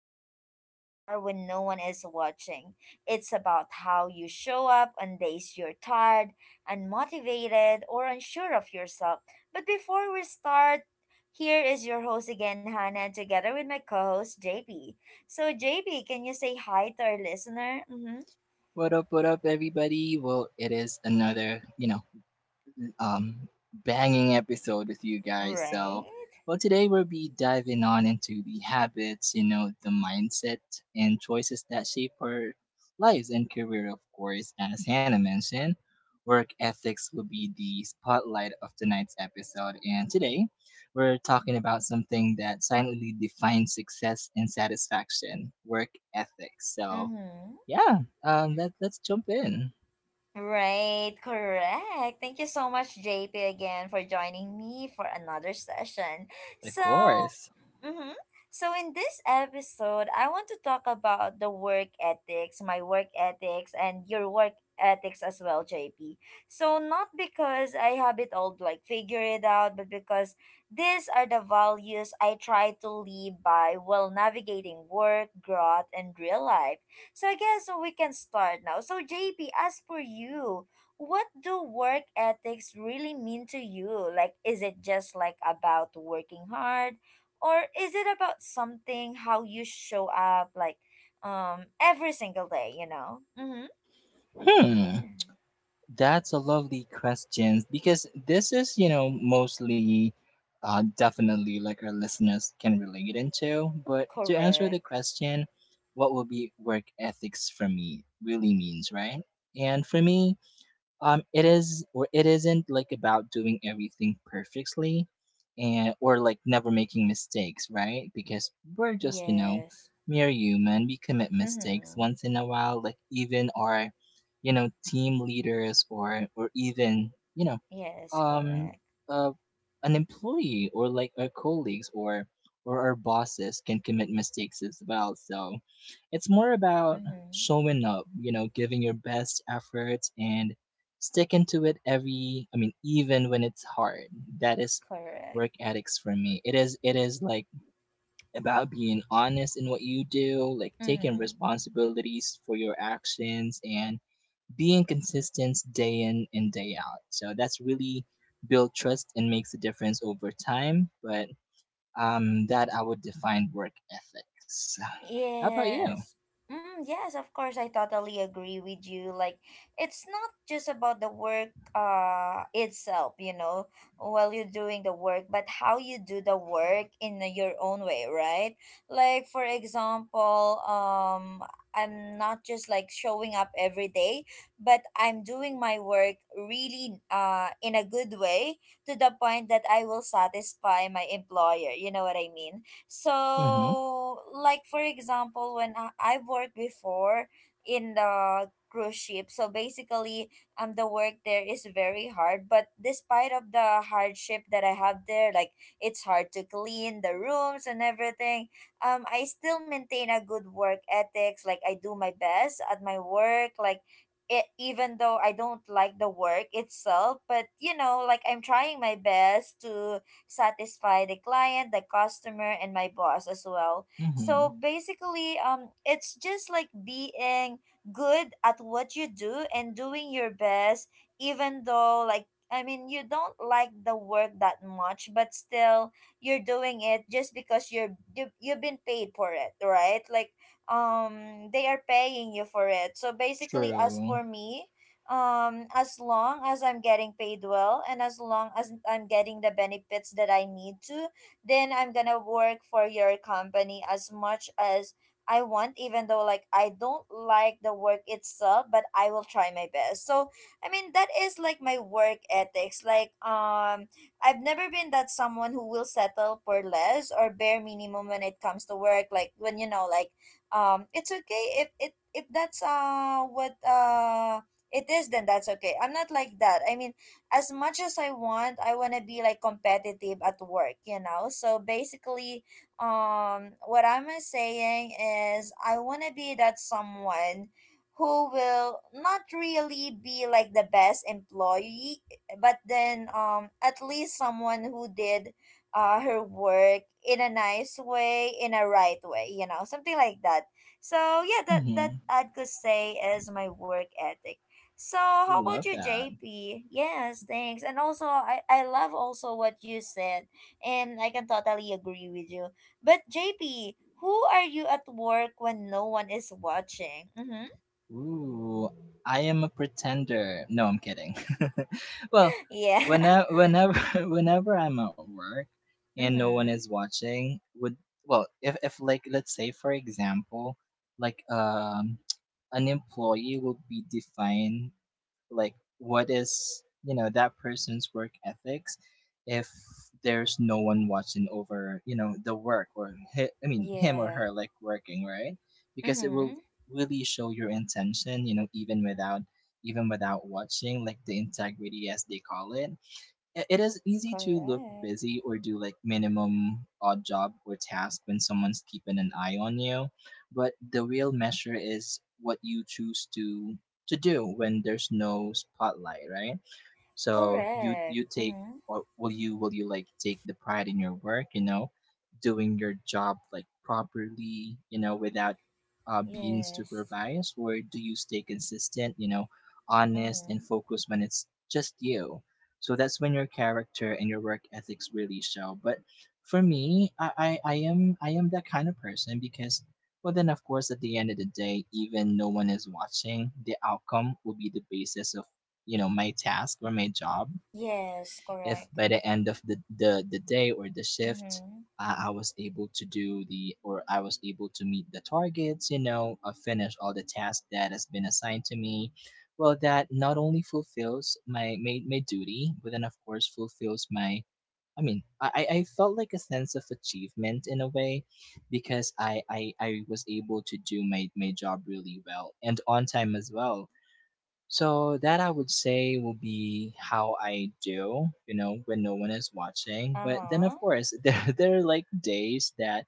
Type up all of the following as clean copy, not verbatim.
about who you are when no one is watching. It's about how you show up on days you're tired, unmotivated, or unsure of yourself. But before we start, here is your host again, Hannah, together with my co host, JP. So, JB, can you say hi to our listener? Mm-hmm. What up, everybody? Well, it is another, um, banging episode with you guys. Right? So, well, today we'll be diving on into the habits, you know, the mindset and choices that shape our lives and career, of course. As Hannah mentioned, work ethics will be the spotlight of tonight's episode. And today we're talking about something that silently defines success and satisfaction work ethics. So, Mm-hmm. yeah, um, let, let's jump in. Right, correct. Thank you so much, JP, again for joining me for another session. Of So, course. mm-hmm. So in this episode, I want to talk about the work ethics, my work ethics, and your work ethics as well, JP. So, not because I have it all like figure it out, but because these are the values I try to live by while navigating work, growth, and real life. So I guess we can start now. So JP, as for you, what do work ethics really mean to you? Like is it just like about working hard, or is it about something how you show up like every single day, you know? Mhm. Hmm, Yeah. that's a lovely question because this is, you know, mostly definitely like our listeners can relate into. But to answer the Correct. question, what would be work ethics for me really means, right? And for me, it is or it isn't like about doing everything perfectly and or like never making mistakes, right? Because we're just, you know, Yes. mere human, we commit mistakes Mhm. once in a while, like even our, you know, team leaders or even you know Yes, um correct. uh, an employee or like our colleagues or our bosses can commit mistakes as well. So it's more about Mhm. showing up, you know, giving your best effort and sticking to it every, I mean, even when it's hard. That is Correct. work ethics for me. It is like about being honest in what you do, like taking Mhm. responsibilities for your actions and being consistent day in and day out. So that's really build trust and makes a difference over time. But That I would define work ethics. How about you? Yes. Mm, yes, of course, I totally agree with you. Like, it's not just about the work itself, while you're doing the work, but how you do the work in your own way, right? Like, for example, I'm not just like showing up every day, but I'm doing my work really in a good way, to the point that I will satisfy my employer. You know what I mean? Mm-hmm. So, like for example, when I've worked before in the cruise ship, so basically, the work there is very hard. But despite of the hardship that I have there, like it's hard to clean the rooms and everything. I still maintain a good work ethics. Like I do my best at my work. Like. It, even though I don't like the work itself, but like I'm trying my best to satisfy the client, the customer, and my boss as well. Mm-hmm. So basically, it's just like being good at what you do and doing your best, even though, like, I mean you don't like the work that much, but still you're doing it just because you've been paid for it, right? Like they are paying you for it. So basically, as True. for me, as long as I'm getting paid well, and as long as I'm getting the benefits that I need to, then I'm gonna work for your company as much as I want, even though like I don't like the work itself, but I will try my best. So I mean, that is like my work ethics. Like I've never been that someone who will settle for less or bare minimum when it comes to work. Like when, like, it's okay if it if that's what it is, then that's okay. I'm not like that. I mean, as much as I want to be like competitive at work. So basically, what I'm saying is, I want to be that someone who will not really be like the best employee, but then at least someone who did her work in a nice way, in a right way, something like that. So yeah, that Mm-hmm. I could say is my work ethic. So how about Love you, that. JP? Yes, thanks. And also, I love also what you said, and I can totally agree with you. But JP, who are you at work when no one is watching? Mm-hmm. Ooh, I am a pretender. No, I'm kidding. Well, Yeah. whenever whenever I'm at work and no one mm-hmm. is watching, would, well, if like let's say for example, like an employee will be defined like what is, you know, that person's work ethics if there's no one watching over, you know, the work or I mean him or Yeah. her like working, right? Because it will Mm-hmm. really show your intention, you know, even without, even without watching, like the integrity as they call it. It is easy to look Correct. busy or do like minimum odd job or task when someone's keeping an eye on you, but the real measure is what you choose to do when there's no spotlight, right? So you Correct. take, Mm-hmm. or will you, will you like take the pride in your work, you know, doing your job like properly, you know, without being Yes. supervised, or do you stay consistent, you know, honest and Mm-hmm. focused when it's just you? So that's when your character and your work ethics really show. But for me, I am that kind of person because well then of course at the end of the day, even no one is watching, the outcome will be the basis of, you know, my task or my job. Yes. If Correct. by the end of the day or the shift, Mm-hmm. I was able to do the, or I was able to meet the targets, you know, finish all the tasks that has been assigned to me, well, that not only fulfills my duty, but then of course fulfills my, I mean, I felt like a sense of achievement in a way, because I was able to do my job really well and on time as well. So that I would say will be how I do, you know, when no one is watching. Uh But then huh. of course there are like days that,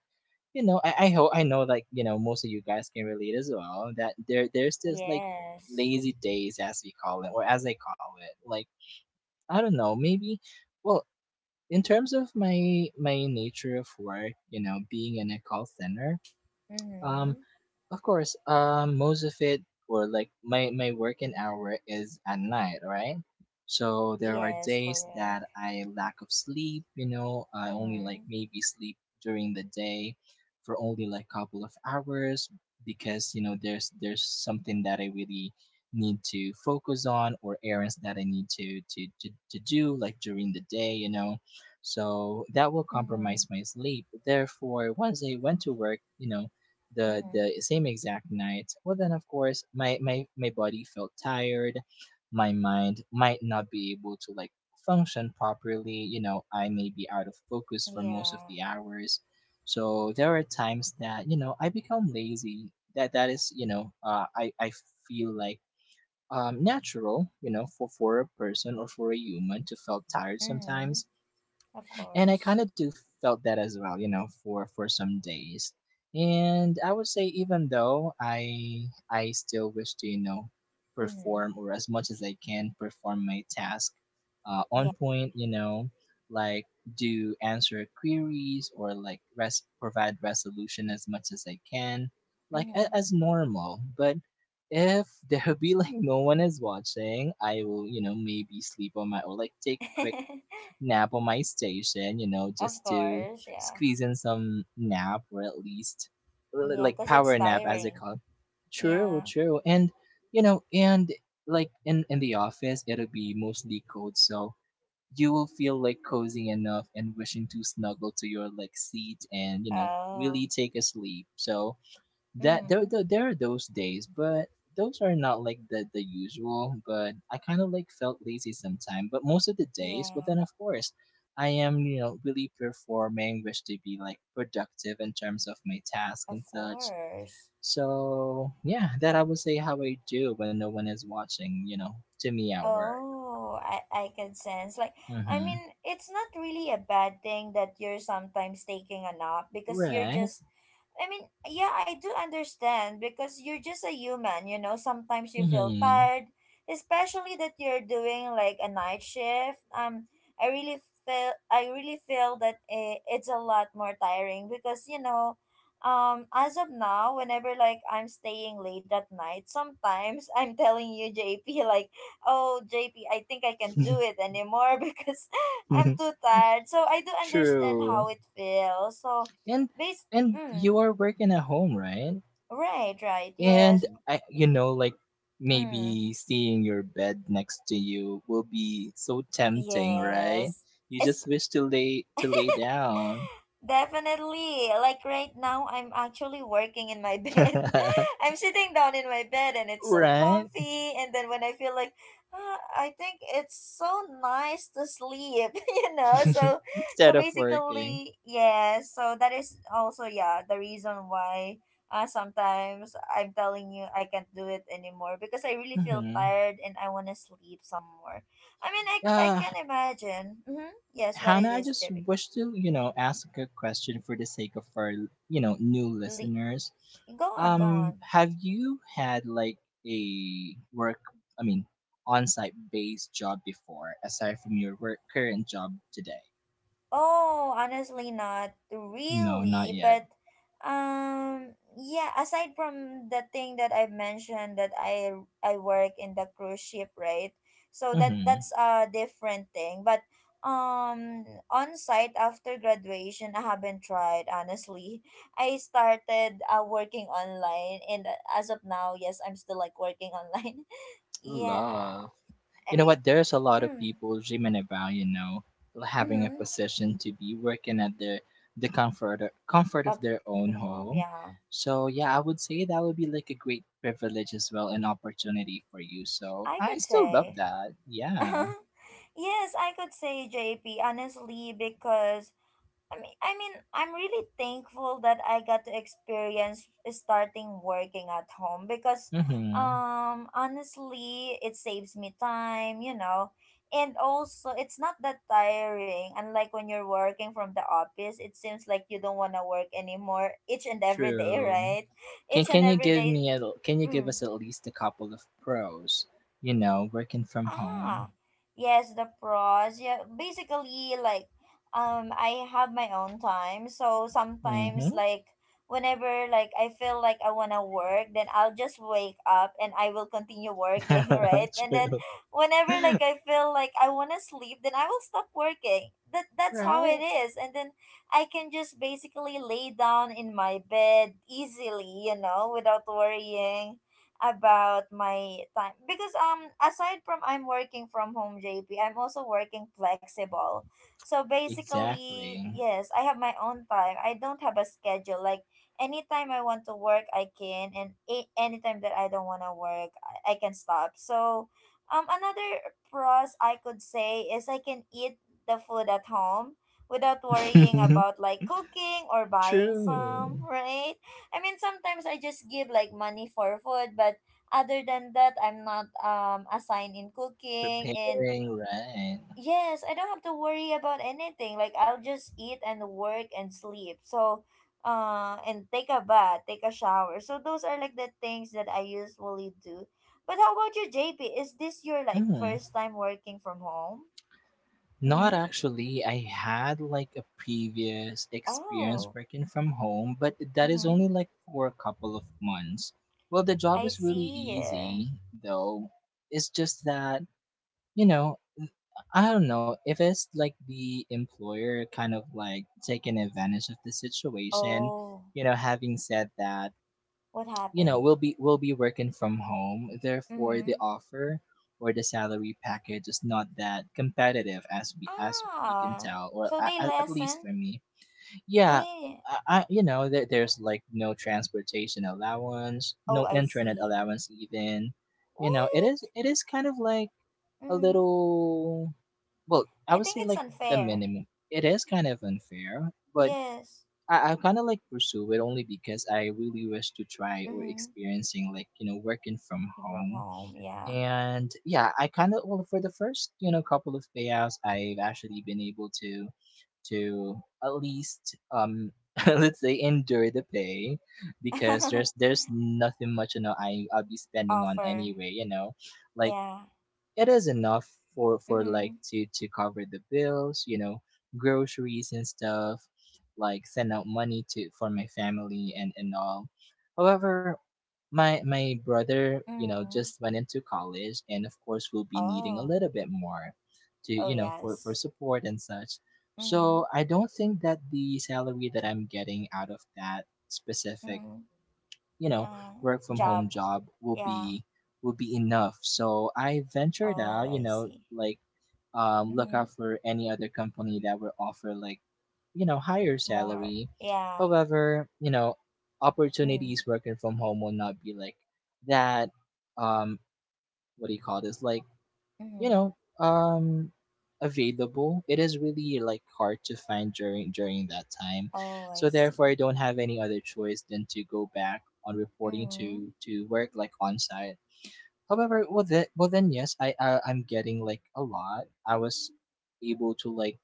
you know, I hope I know, like, you know, most of you guys can relate as well, that there's this like Yes. lazy days as we call it or as I call it. Like I don't know, maybe, well, in terms of my nature of work, you know, being in a call center. um. Mm-hmm. Of course, most of it, or like my working hour is at night, right? So there are Yes. days Correct. that I lack of sleep. You know, I only Mm-hmm. like maybe sleep during the day for only like couple of hours, because you know there's something that I really need to focus on, or errands that I need to to do like during the day. You know, so that will Mm-hmm. compromise my sleep. Therefore, once I went to work, you know, the Mm-hmm. the same exact night, well then of course my body felt tired, my mind might not be able to like function properly, you know, I may be out of focus for most of Yeah. the hours. So there are times that, you know, I become lazy. That that is, you know, I feel like natural, you know, for a person or for a human to feel tired Mm-hmm. sometimes, Of and I course. kind of do felt that as well, you know, for some days. And I would say even though I still wish to, you know, Mm-hmm. perform, or as much as I can perform my task Yeah. on point, you know, like do answer queries or like provide resolution as much as I can, like Mm-hmm. as normal. But if there be like no one is watching, I will, you know, maybe sleep on my, or like take a quick nap on my station, you know, of just to course. Yeah. squeeze in some nap, or at least Yeah, like because it's power nap as they tiring. call it. True, Yeah. true. And you know, and like in the office, it'll be mostly cold, so you will feel like cozy enough and wishing to snuggle to your like seat, and you know Oh. really take a sleep. So that there, Mm-hmm. there are those days, but those are not like the usual. But I kind of like felt lazy sometimes. But most of the days, but Yeah. then of course, I am, you know, really performing, wish to be like productive in terms of my task Of and such. course. So yeah, that I would say how I do when no one is watching. You know, to me at work. Oh, I can sense. Like, I Mm-hmm. mean, it's not really a bad thing that you're sometimes taking a nap because you're Right. just I mean, yeah, I do understand, because you're just a human. Sometimes you feel Mm-hmm. tired, especially that you're doing like a night shift. I really feel that it's a lot more tiring, because as of now, whenever like I'm staying late at night, sometimes I'm telling you, JP, like, oh, JP, I think I can not do it anymore because I'm too tired. So I do understand True. how it feels. So, And based. and Mm. you are working at home, right? Right, right, yes. And I, you know, like Mm, maybe seeing your bed next to you will be so tempting, right? yes. You It's just wish to lay down, Definitely. Like right now, I'm actually working in my bed. I'm sitting down in my bed and it's so right? comfy. And then when I feel like, ah, I think it's so nice to sleep, you know? So Instead of working. basically, yeah. So that is also, yeah, the reason why sometimes I'm telling you I can't do it anymore, because I really feel Mm-hmm. tired and I want to sleep some more. I mean, I Yeah. can imagine. Mm-hmm. Yes, what it Hannah, I is, just Debbie. wish to, you know, ask a question for the sake of our, you know, new listeners. Go on, go on. Have you had like a work, I mean, on-site based job before, aside from your work current job today? Oh, honestly not No, not really, yet. but yeah, aside from the thing that I've mentioned, that I work in the cruise ship, right? So that Mm-hmm. that's a different thing, but um on site after graduation I haven't tried honestly. I started working online, and as of now, yes, I'm still like working online. yeah. Love. You I know mean, what? There's a lot of mm, people dreaming about, you know, having a mhm. position to be working at their the comfort of Up their own the home, home. yeah. So yeah, I would say that would be like a great privilege as well, an opportunity for you. So I I could still love say. that. Yeah. yes, I could say JP honestly because I'm really thankful that I got to experience starting working at home, because Mm-hmm. Honestly it saves me time. And also it's not that tiring, unlike when you're working from the office, it seems like you don't want to work anymore each and every day, True. right? Can Each and can you every give day. me a, can you give mm, us at least a couple of pros? You know, working from Ah, home. yes, the pros. Yeah, basically, like, I have my own time. So sometimes, Mm-hmm. like, whenever, like, I feel like I wanna work, then I'll just wake up and I will continue working, right? And then, True. whenever, like, I feel like I wanna sleep, then I will stop working. That that's how Right? it is. And then I can just basically lay down in my bed easily, without worrying about my time, because aside from I'm working from home, JP, I'm also working flexible. So basically, Exactly. yes, I have my own time, I don't have a schedule, like anytime I want to work I can, and anytime that I don't want to work, I can stop. So another pros I could say is I can eat the food at home without worrying about like cooking or buying some, True. right? I mean, sometimes I just give like money for food, but other than that, I'm not assigned in cooking, and Preparing, right. yes, I don't have to worry about anything. Like I'll just eat and work and sleep. So, and take a bath, take a shower. So those are like the things that I usually do. But how about you, JP? Is this your like Mm. first time working from home? Not Mm-hmm. actually. I had like a previous experience Oh. working from home, but that is Mm-hmm. only like for a couple of months. Well, the job I is really see. easy, though. It's just that, you know, I don't know if it's like the employer kind of like taking advantage of the situation. Oh, You know, having said that, what you know, happened? we'll be working from home, therefore Mm-hmm. the offer or the salary package is not that competitive as we can Ah, tell, or so they at least lessen? for me. Yeah, Eh, I you know, there's like no transportation allowance, oh, no I internet see. allowance even. You know, it What? is it is kind of like a Mm, little, well, I I would think say it's like the unfair. minimum. It is kind of unfair, but Yes. I kind of like pursue it only because I really wish to try or Mm-hmm. experiencing, like, you know, working from From home. home, yeah. And yeah, I kind of, well, for the first, you know, couple of payouts, I've actually been able to at least let's say endure the pay, because there's there's nothing much, you know, I'll be spending on Offer, anyway, you know. Like, yeah. it is enough for, Mm-hmm. like, to cover the bills, you know, groceries and stuff, like send out money to for my family, and all. However, my brother, you know, Mm-hmm. just went into college, and of course will be needing a Oh, little bit more to, oh, you know, for yes. support and such. Mm-hmm. So I don't think that the salary that I'm getting out of that specific, Mm-hmm. you know, Uh, work from job, home job yeah. Will be enough. So I ventured Oh, out, you I know, see. like, look Mm-hmm. out for any other company that will offer, like, you know, Mm, higher more, salary. yeah. However, you know, Mm-hmm. opportunities working from home will not be like that, um what do you call this, like, you Mm-hmm. know, available. It is really like hard to find during that time. Oh, I So therefore I see. don't have any other choice than to go back on reporting Mm-hmm. to work, like, on site. However, well then yes, I I'm getting like a lot. I was able to like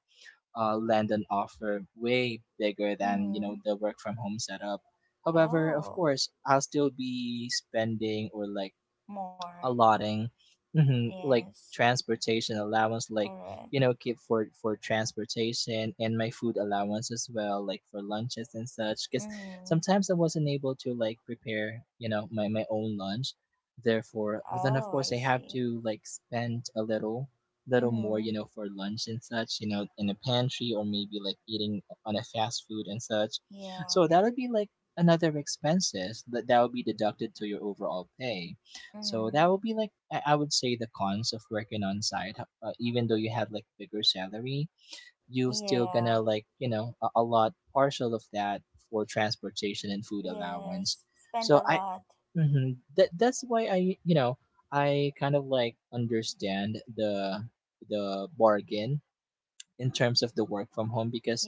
land an offer way bigger than, you Mm-hmm. know, the work from home setup. However, of Oh. course, I'll still be spending or like More. allotting, mhm, like, Yes. transportation allowance, like, you Correct. know, keep for transportation and my food allowance as well, like for lunches and such, because Mm-hmm. sometimes I wasn't able to like prepare, you know, my own lunch. Therefore, well, then of Oh, course I I have see. to like spend a little more, Mm-hmm. you know, for lunch and such, you know, in a pantry or maybe like eating on a fast food and such. Yeah. So that would be like another expenses that would be deducted to your overall pay. So that Mm-hmm. would be like, I would say, the cons of working on site. Even though you have like bigger salary, you still gonna Yeah. like, you know, a lot partial of that for transportation and food allowance. Yes. Spend a So I, lot. mhm, that that's why I, you know, I kind of like understand the bargain in terms of the work from home, because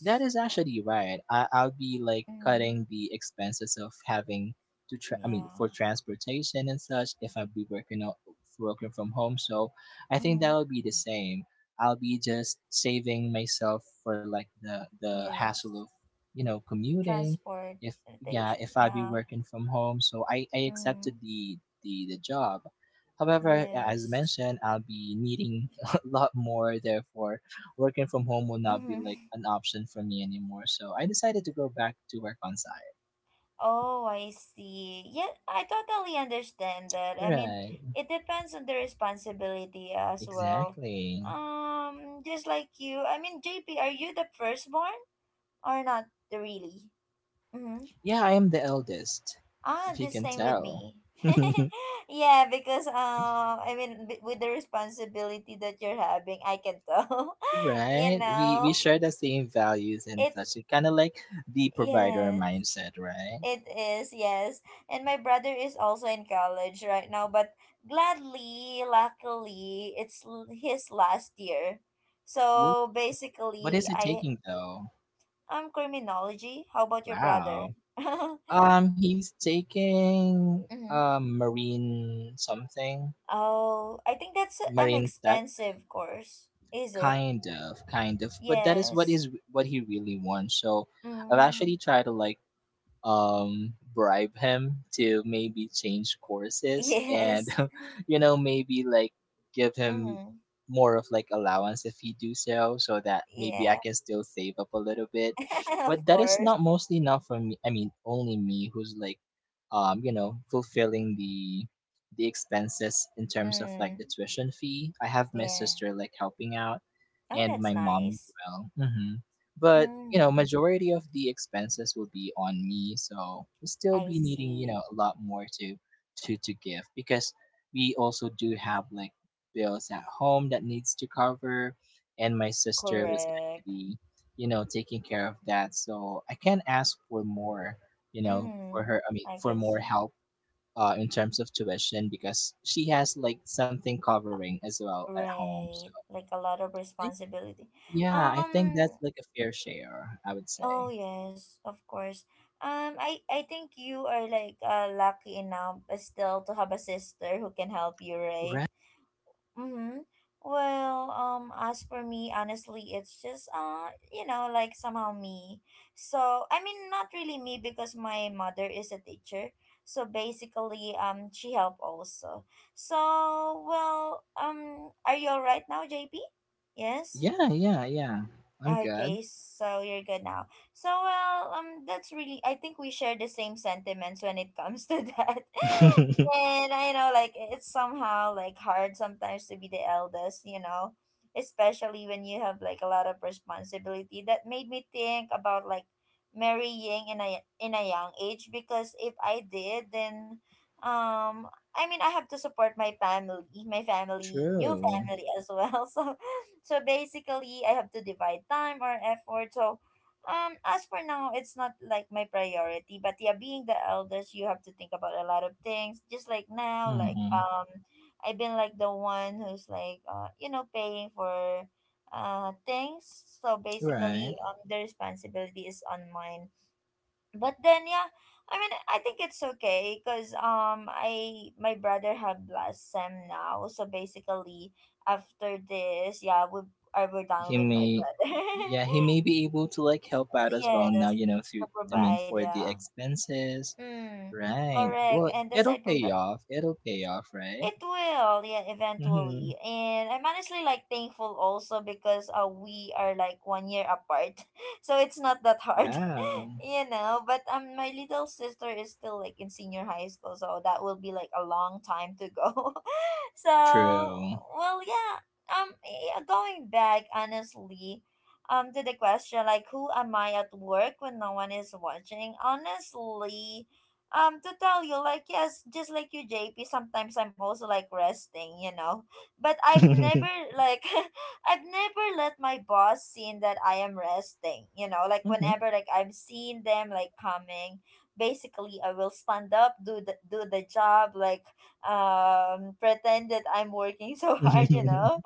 that is actually right. I'll be like Mm-hmm. cutting the expenses of having to, tra- I mean, for Yeah. transportation and such if I'll be working from home. So I think Mm-hmm. that'll be the same. I'll be just saving myself for like the hassle Yes. of, you know, commuting. If Yeah, Transportation. if I'll be Yeah. working from home, so I accepted Mm-hmm. the job. However, as Yes. mentioned, I'll be needing a lot more. Therefore, working from home will not be like Mm-hmm. an option for me anymore. So I decided to go back to work on site. Oh, I see. Yeah, I totally understand that. I mean, Right. it depends on the responsibility as well. Exactly. Just like you. I mean, JP, are you the firstborn or not really? Mm-hmm. Yeah, I am the eldest, Ah, if you the can same with tell. me. yeah, because I mean, with the responsibility that you're having, I can tell. you Right? We know, share the same values and it. such. It's kind of like the provider Yeah. mindset, right? It is, yes. And my brother is also in college right now, but gladly, luckily, it's his last year. Ooh, So what is basically, it I taking though? I'm criminology. How about your brother? Wow. hmm. He's taking marine something, Oh, I think that's an marine tech. expensive course. Is it? Kind of, kind of, but that is what Yes. He really wants. So I've Mm. actually tried to like bribe him to maybe change courses and Yes. you know, maybe like give him Mm-hmm. more of like allowance if he do so, so that maybe I Yeah. can still save up a little bit. of But that is course. not mostly not for me. I mean, only me who's like, you know, fulfilling the expenses in terms of like Mm. the tuition fee. I have my Yeah. sister like helping out, Oh, and that's my mom as nice. well. Mm-hmm. But you know, Mm. majority of the expenses will be on me, so we'll still I be needing, you see. know, a lot more to give, because we also do have like bills at home that needs to cover. And my sister was Correct. actually, you know, taking care of that, so I can ask for more, you know, Mm-hmm. for her, I mean, I for could more see. help, in terms of tuition, because she has like something covering as well at home. So Right. Like a lot of I think, responsibility. yeah, I think Um that's like a fair share, I would oh say. yes, of course. I think you are like lucky enough still to have a sister who can help you, right? Right. Mm-hmm. Well, as for me, honestly, it's just like somehow me. So I mean, not really me, because my mother is a teacher. So basically, she helped also. So are you all right now, JP? Yes. Yeah, yeah, yeah. I'm good. Okay, so you're good now. So well, that's really. I think we share the same sentiments when it comes to that. And I know, like, it's somehow like hard sometimes to be the eldest, you know, especially when you have like a lot of responsibility. That made me think about marrying in a young age because if I did, then um, I mean, I have to support my family, new True. family as well. So basically, I have to divide time or effort. So, as for now, it's not like my priority. But yeah, being the eldest, you have to think about a lot of things. Just like now, Hmm. I've been like the one who's like paying for things. So Right. basically, the responsibility is on mine, but then yeah, I mean I think it's okay because I my brother had last sem now, so basically after this, yeah, we I were done He with my may, brother. yeah, he may be able to like help out as well now, Yes, you know, through, to I mean, provide, for the yeah. expenses. Mm, Right. correct, Well, and it'll aside from pay that off. It'll pay off, it right? will, yeah, eventually. Mm-hmm. And I'm honestly like thankful also because we are like 1 year apart. So it's not that hard. Wow. You know, but my little sister is still like in senior high school, so that will be like a long time to go. So True. well, yeah, yeah, going back honestly, to the question like who am I at work when no one is watching. Honestly, to tell you, like, yes, just like you, JP, sometimes I'm also like resting, but I've never, like I've never let my boss seen that I am resting. You know, like Hmm. whenever like I'm seeing them like coming, basically I will stand up, do the job, like pretend that I'm working so Of hard. You know,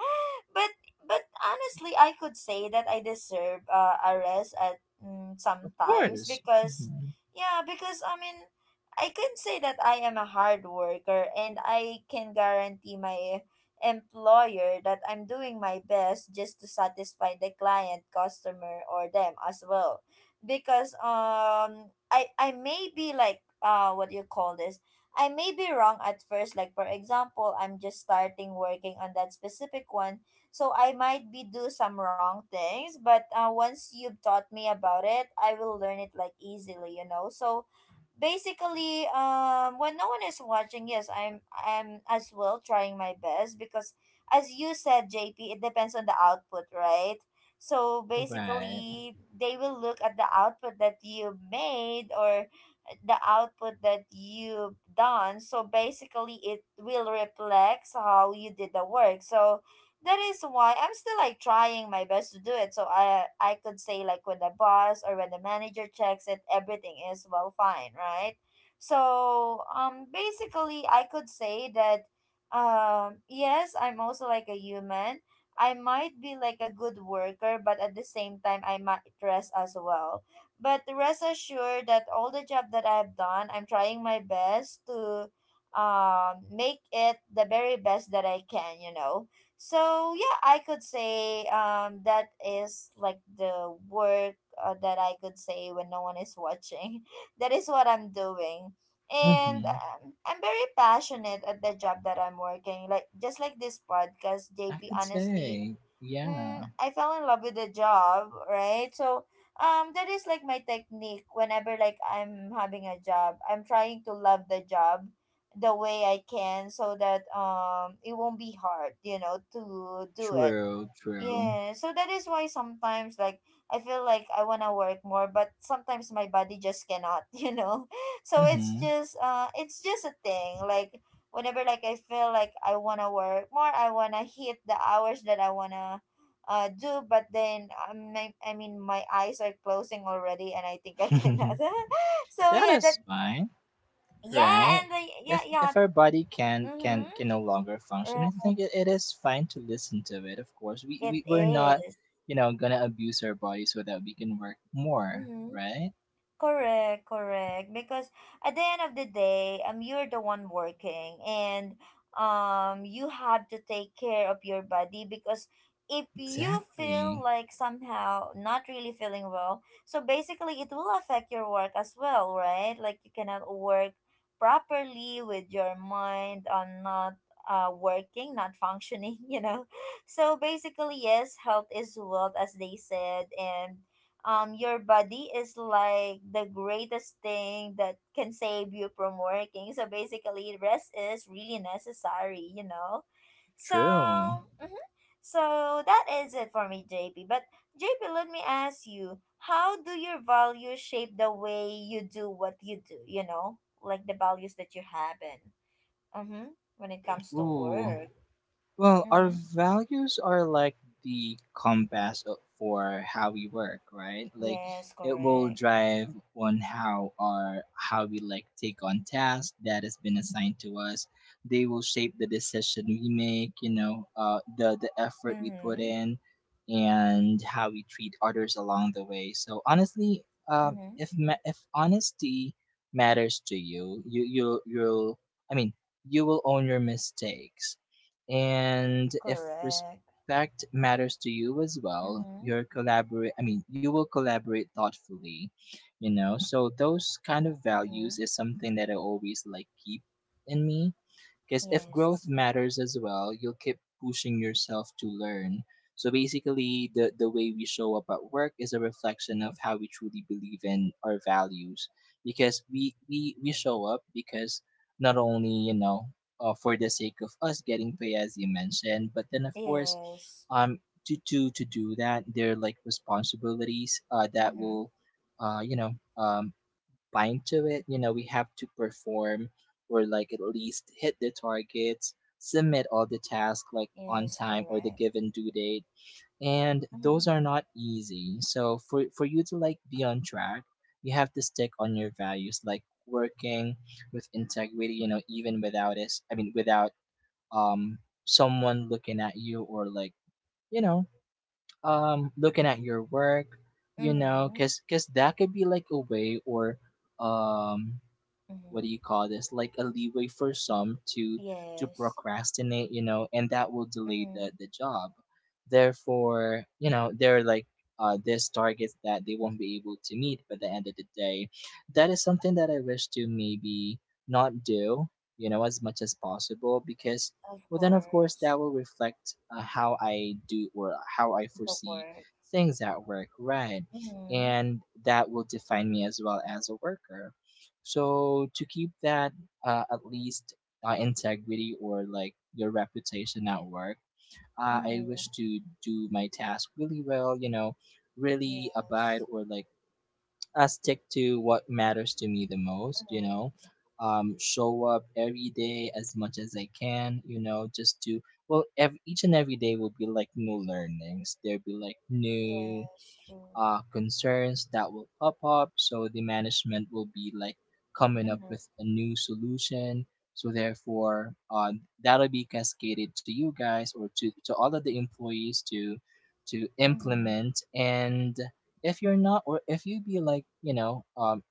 but but honestly, I could say that I deserve a rest at mm, sometimes. course. Because Hmm. yeah, because I mean, I can say that I am a hard worker, and I can guarantee my employer that I'm doing my best just to satisfy the client, customer, or them as well. Because I may be like uh, what do you call this? I may be wrong at first, like for example, I'm just starting working on that specific one. So I might be do some wrong things, but once you've taught me about it, I will learn it like easily, you know. So basically, when no one is watching, yes, I'm as well trying my best, because as you said, JP, it depends on the output, right? So Right. basically they will look at the output that you made, or the output that you've done. So basically it will reflect how you did the work. So that is why I'm still like trying my best to do it. So I could say, like when the boss or when the manager checks it, everything is well fine, right? So basically I could say that, yes, I'm also like a human. I might be like a good worker, but at the same time I might rest as well. But rest assured that all the job that I've done, I'm trying my best to make it the very best that I can, so yeah, I could say that is like the work that I could say when no one is watching. That is what I'm doing. And Hmm. I'm very passionate at the job that I'm working. Like just like this podcast, I JP, could honestly say, mm, yeah. I fell in love with the job, right? So, that is like my technique. Whenever like I'm having a job, I'm trying to love the job the way I can, so that it won't be hard, you know, to do it. True, true. Yeah, so that is why sometimes like I feel like I wanna work more, but sometimes my body just cannot, you know. So Hmm. It's just a thing. Like whenever like I feel like I wanna work more, I wanna hit the hours that I wanna do, but then I mean my eyes are closing already and I think I cannot. So That yeah, that, is fine, yeah, right? and the, yeah, If yeah. if our body can Mhm. No longer function, I Right, think it, it is fine to listen to it. Of course, we it we we're not, is. you know, gonna abuse our body so that we can work more, Mhm. right? Correct, correct. Because at the end of the day, you're the one working, and you have to take care of your body. Because if you feel Exactly. like somehow not really feeling well, so basically it will affect your work as well, right? Like you cannot work properly with your mind on not working, not functioning, you know. So basically, yes, health is wealth, as they said, and your body is like the greatest thing that can save you from working. So basically rest is really necessary, you know. So True. mhm. So that is it for me, JP, but JP, let me ask you, how do your values shape the way you do what you do, you know, like the values that you have in, mm-hmm, when it comes to Ooh. work. Well, our Mm-hmm. values are like the compass, for how we work, right? Like, Yes, it will correct. drive on how we like take on tasks that has been assigned to us. They will shape the decision we make, you know, the effort we put Mm-hmm. in, and how we treat others along the way. So honestly, Mm-hmm. if if honesty matters to you, you you you'll I mean, you will own your mistakes. And if Correct. respect matters to you as well, Mm-hmm. you're collaborate. I mean, you will collaborate thoughtfully. You know, so those kind of values Mm-hmm. is something that I always like keep in me, because if growth Yes. matters as well, you'll keep pushing yourself to learn. So basically, the way we show up at work is a reflection of how we truly believe in our values. Because we show up because, not only, you know, for the sake of us getting pay, as you mentioned, but then, of course, Yes. um, to, to do that, there are like responsibilities that Mm-hmm. will, you know, um, bind to it. You know, we have to perform or like at least hit the targets, submit all the tasks like on Yes, time or the correct. given due date. And Mm-hmm. those are not easy. So for you to like be on track, you have to stick on your values, like working with integrity, you know, even without us I mean without um someone looking at you, or like, you know, looking at your work, you know, Mm-hmm. cuz that could be like a way or, um what do you Mm-hmm. call this, like, a leeway for some to Yes. procrastinate, you know, and that will delay the Mm-hmm. Job. Therefore, you know, they're like, this targets that they won't be able to meet by the end of the day. That is something that I wish to maybe not do, you know, as much as possible, because, Of well then, of course, course. that will reflect how I do or how I The foresee work. things at work, right? Mm-hmm. And that will define me as well as a worker. So to keep that, at least, integrity or like your reputation at work, I wish Mm-hmm. to do my task really well, you know, really abide Yes. or like stick to what matters to me the most, you Mm-hmm. know. Show up every day as much as I can, you know, just to, well, each and every day will be like new learnings. There'll be like new Yes, true. Concerns that will pop up. So the management will be like coming up with Mm-hmm. a new solution. So therefore, that'll be cascaded to you guys or to, all of the employees to Mm-hmm. implement. And if you're not, or if you be like, you know,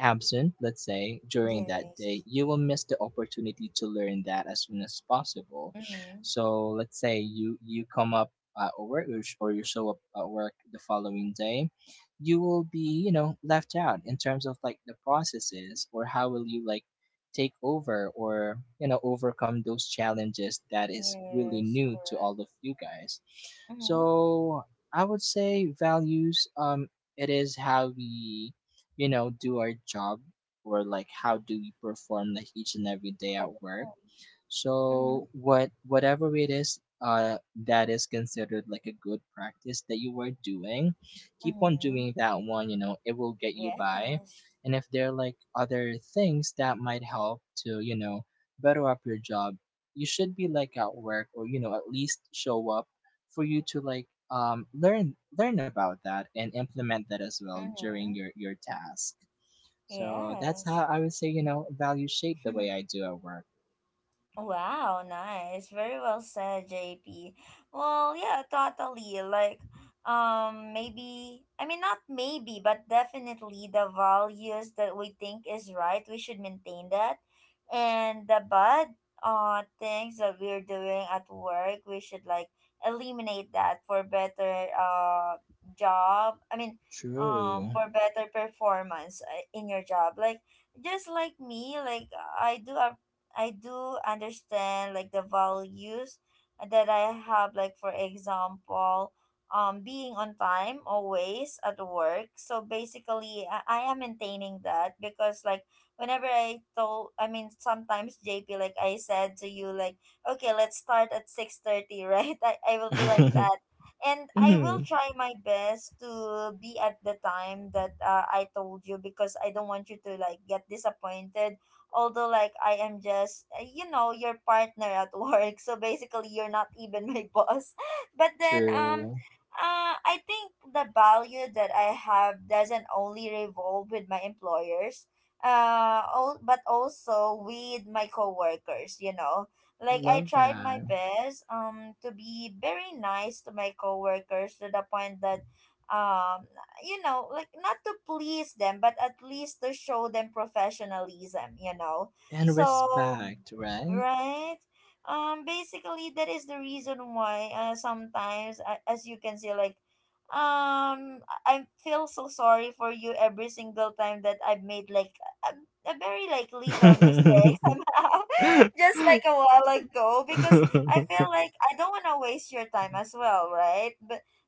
absent, let's say, during that day, Yes. you will miss the opportunity to learn that as soon as possible. Mm-hmm. So let's say you come up at work, or or you show up at work the following day, you will be, you know, left out in terms of like the processes or how will you like take over or, you know, overcome those challenges that is really Yes, new to all correct. of you guys. Mm-hmm. So I would say values, it is how we, you know, do our job, or like how do we perform like each and every day at work. Correct. Mm-hmm. So whatever it is, that is considered like a good practice that you were doing, keep on Mm-hmm. doing that one, you know. It will get you by. Yes. And if there are like other things that might help to, you know, better up your job, you should be like at work, or, you know, at least show up for you to like learn about that and implement that as well during Mm-hmm. Your task. So that's how Yes. I would say, you know, values shape the way I do at work. Wow, nice. Very well said, JP. Well, yeah, totally. Like, I mean, not maybe, but definitely the values that we think is right, we should maintain that. And the bad things that we're doing at work, we should, like, eliminate that for better job. I mean, True. for better performance in your job. Like, just like me, like, I do I do understand like the values that I have, like for example being on time always at work. So basically I am maintaining that, because like whenever I told, I mean sometimes JP, like I said to you like, okay, let's start at 6:30, right? I will be like that, and I will Mhm. try my best to be at the time that I told you, because I don't want you to like get disappointed, although like I am just you know your partner at work, so basically you're not even my boss. But then True. I think the value that I have doesn't only revolve with my employers all, but also with my coworkers, you know. Like I Love tried that. my best to be very nice to my coworkers, to the point that um you know, like not to please them, but at least to show them professionalism, you know. And So, respect, right? right? Basically, that is the reason why sometimes, a- as you can see, like, I feel so sorry for you every single time that I've made like a, a very like little mistake somehow, just like a while ago, because I feel like I don't want to waste your time as well, right?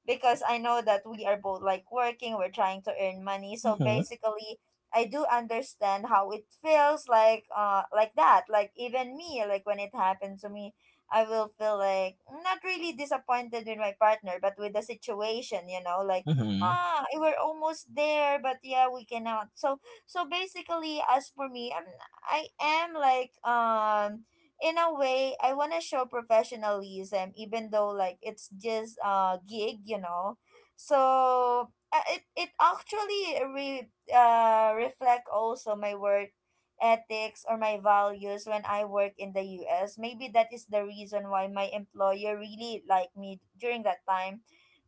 Because I know that we are both like working, we're trying to earn money. So Mhm, basically, I do understand how it feels like that. Like even me, like when it happened to me, I will feel like not really disappointed with my partner, but with the situation, you know, like mhm, ah, we're almost there, but yeah, we cannot. So so basically, as for me, I am like in a way I want to show professionalism, even though like it's just a gig, you know. So it it actually reflect also my work ethics or my values when I work in the US. Maybe that is the reason why my employer really liked me during that time,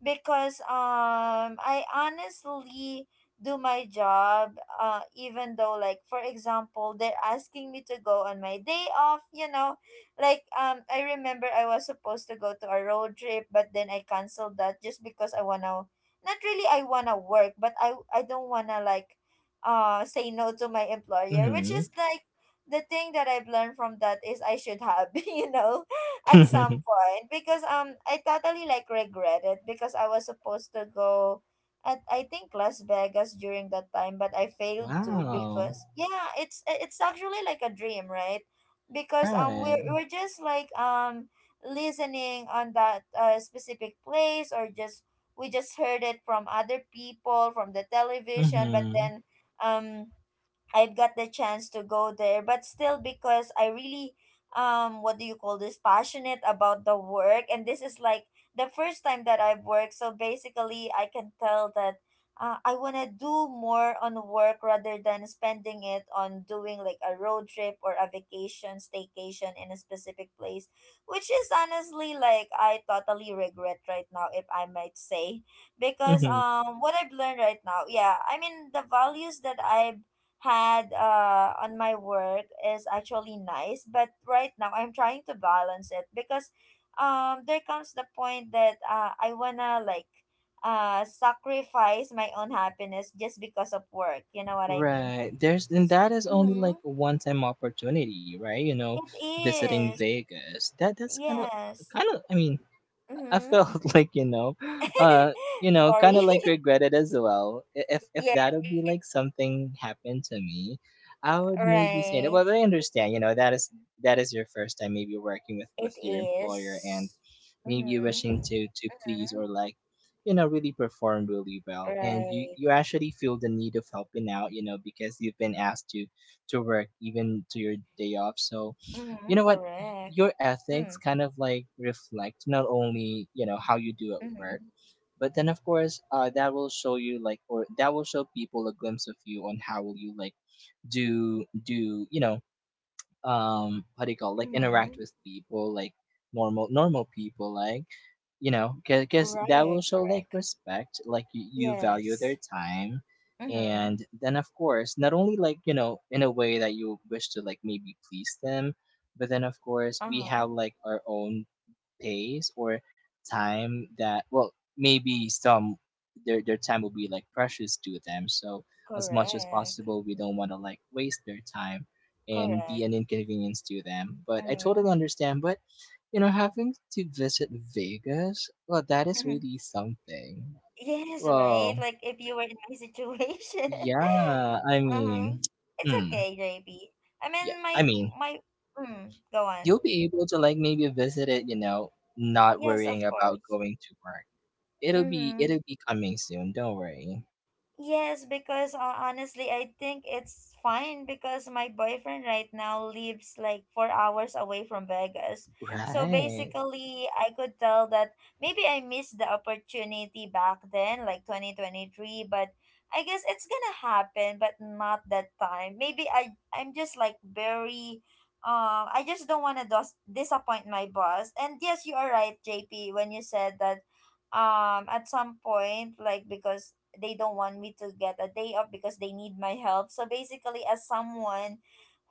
because I honestly do my job, even though like for example they're asking me to go on my day off, you know. Like I remember I was supposed to go to a road trip, but then I canceled that, just because I wanna, not really I wanna work, but I don't wanna like say no to my employer, which mhm. is like, the thing that I've learned from that is I should have. You know, at some point, because I totally like regret it, because I was supposed to go at I think Las Vegas during that time, but I failed to. Wow. Because yeah, it's actually like a dream, right? Because um we're Right. we're just like listening on that specific place or just we just heard it from other people from the television, but Mm-hmm. then um I've got the chance to go there, but still because I really what do you call this, passionate about the work, and this is like the first time that I've worked, so basically I can tell that I want to do more on work rather than spending it on doing like a road trip or a vacation staycation in a specific place, which is honestly like I totally regret right now, if I might say, because Mm-hmm. What I've learned right now, yeah, I mean the values that I've had on my work is actually nice, but right now I'm trying to balance it because there comes the point that I wanna like sacrifice my own happiness just because of work, you know what I mean. Right. There's and That is only Mm-hmm. like a one-time opportunity, right? You know, visiting It is. Vegas. That's kind of Yes. kind of. I mean, I Mm-hmm. felt like, uh, you know, kind Sorry. of like regretted as well. If Yeah, if that it, would be like something happened to me, I would maybe say, right, well, I understand. That is your first time maybe working with it with your employer, and is. maybe Mm-hmm. wishing to please, Mm-hmm. or like, really perform really well. And you Right. you actually feel the need of helping out, because you've been asked to work even to your day off. So, Mhm, what correct. your ethics Mm, kind of like reflect, not only how you do at work, mhm, but then of course that will show you like, or that will show people a glimpse of you on how will you like do, you know, how do you call it? Like, interact mhm. with people, like normal people, like, you know, because that will Right, show like correct. respect, like you value their Yes. time. Mhm. And then of course, not only like, you know, in a way that you wish to like maybe please them, but then of course we have Uh-huh. like our own pace, or time, that, well, maybe some their time will be like precious to them. So as much as Correct. possible we don't want to like waste their time and be Correct. an inconvenience to them. But I Mhm. totally understand. But, you know, having to visit Vegas, well, that is really something. Yes, right. Well, Like if you were in my situation. yeah, I mean, Uh-huh. It's hmm, okay, JB. I yeah, mean I my mean, my mm, go you'll on. be able to like maybe visit it, you know, not Yes, worrying of about course. going to work. It'll be it'll Mhm. be coming soon. Don't worry. Yes, because honestly, I think it's fine because my boyfriend right now lives like 4 hours away from Vegas. So Right. basically, I could tell that maybe I missed the opportunity back then, like 2023, but I guess it's gonna happen, but not that time. Maybe I'm just like very. I just don't want to disappoint my boss. And yes, you are right, JP, when you said that at some point, like because they don't want me to get a day off because they need my help, so basically, as someone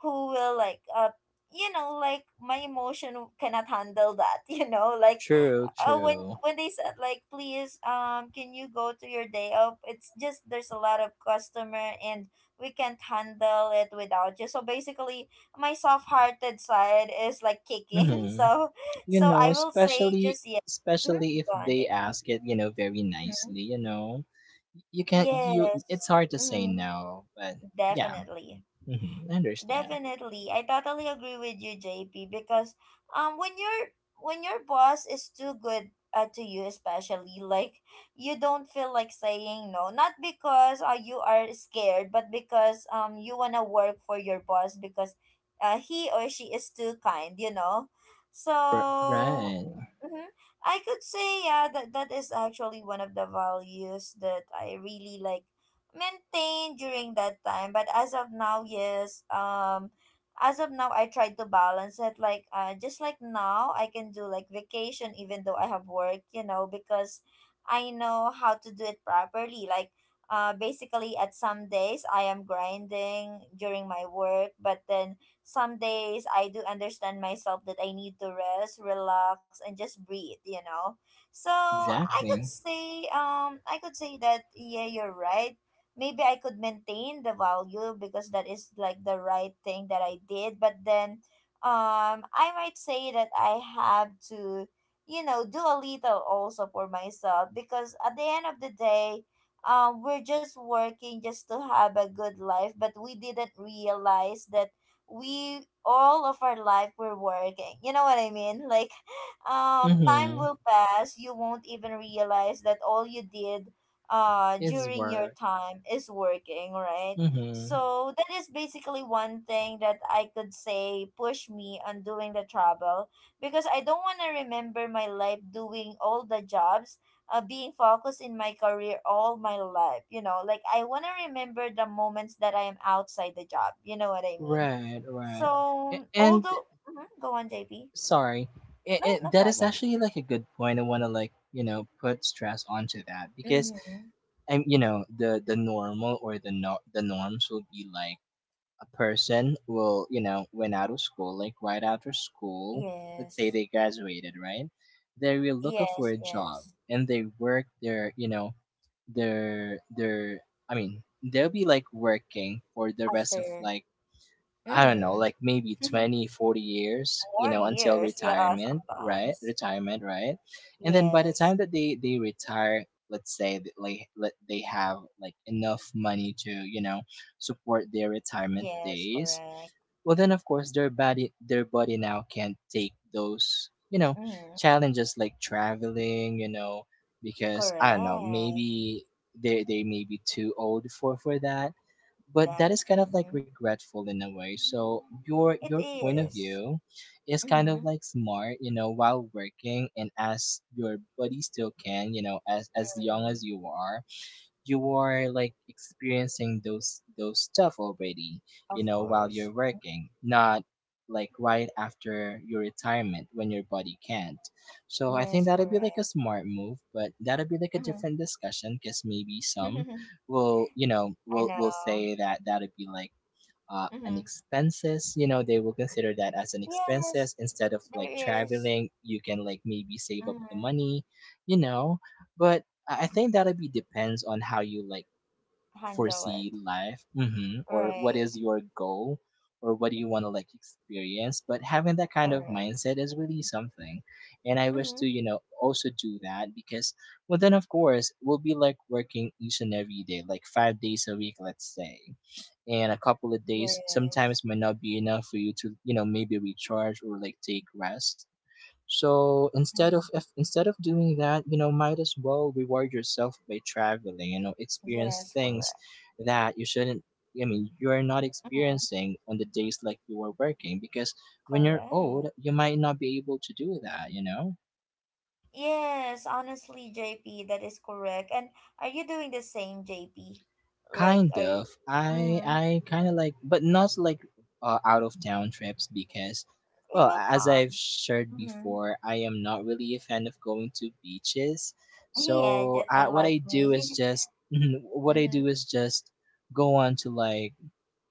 who will like you know, like my emotion cannot handle that, you know, like True. uh, when True. when they said like, please, can you go to your day off, it's just there's a lot of customer and we can't handle it without you, so basically my soft-hearted side is like kicking, Mm-hmm. so You so know, I will say especially just yes. especially Hmm, if go on, they JP. ask it, you know, very Mm-hmm. nicely. You know, you can't. You it's Yes. hard to say Mhm. no. But yeah. Definitely. Mm-hmm. I understand. Definitely. I totally agree with you, JP, because um when your when your boss is too good to you especially, like you don't feel like saying no, not because you are scared, but because you want to work for your boss because he or she is too kind, you know. So Right. mhm, I could say yeah, that that is actually one of the values that I really like maintain during that time, but as of now, yes, as of now I try to balance it, like just like now I can do like vacation even though I have work, you know, because I know how to do it properly, like basically at some days I am grinding during my work, but then some days I do understand myself that I need to rest, relax, and just breathe, you know. So Exactly. I could say that yeah, you're right, maybe I could maintain the value because that is like the right thing that I did. But then, I might say that I have to, you know, do a little also for myself because at the end of the day, we're just working just to have a good life, but we didn't realize that we all of our life we're working. You know what I mean? Like, time Mm-hmm. will pass. You won't even realize that all you did It's during your work. time is working, right. Mm-hmm. So that is basically one thing that I could say push me on doing the travel because I don't want to remember my life doing all the jobs, being focused in my career all my life, you know, like I want to remember the moments that I am outside the job, you know what I mean. Right, right. So And although mhm, go on, JP. sorry. No, no That is problem. actually like a good point. I want to like, you know, put stress onto that. Because, Mm-hmm. and the normal, or the no, the norms will be like, a person will, you know, when out of school, like right after school, let's say Yes, they graduated, right? They will look for yes, a job, yes. and they work their, you know, their I mean, they'll be like working for the rest of After. like, I don't know, like Mm-hmm. maybe 20, 40 years, you More know, until years, yeah, retirement, right? sometimes. Retirement, right? And then by the Yes, time that they retire, let's say that, like, let they have like enough money to, you know, support their retirement yes, days. correct. Well, then of course their body now can't take those, you know, Mm-hmm. challenges like traveling, you know, because I don't know, Correct. maybe they may be too old for that. But That. that is kind of like Mm-hmm. regretful in a way. So your It your point of is. view is kind Mm-hmm. of like smart, you know, while working, and as your body still can, you know, as young Mm-hmm. as you are, you are like experiencing those stuff already, you Of know, while course. you're working, not like right after your retirement when your body can't. So I Yes, think that'd correct. be like a smart move, but that'd be like a Mm-hmm. different discussion, because maybe some will, you know, I will know. say that that'd be like, an Mm-hmm. expenses. You know, they will consider that as an Yes, expenses. Instead of there like is. traveling, you can like maybe save up the Mm-hmm. money, you know. But I think that'll be depends on how you like Handle foresee it. life. Mm-hmm. Or what Right. is your goal, or what do you want to like experience. But having that kind of Correct. mindset is really something. And I wish Mm-hmm. to, you know, also do that. Because, well, then of course we'll be like working each and every day, like 5 days a week, let's say. And a couple of days Yes. sometimes might not be enough for you to, you know, maybe recharge or like take rest. So instead of Mm-hmm. if, instead of doing that, you know, might as well reward yourself by traveling. You know, experience Yes, things correct. that you shouldn't. I mean, you are not Mm-hmm. experiencing on the days like you are working, because when you're old, Correct. you might not be able to do that. You know. Yes, honestly, JP, that is correct. And are you doing the same, JP? Like, Kind are you? of. I Mm-hmm. I kind of like, but not like, out of town trips, because, It well, will as I've come. shared Mm-hmm. before, I am not really a fan of going to beaches. Yeah, So just what unlike I do is me. just, what I Mm-hmm. do is just go on to like,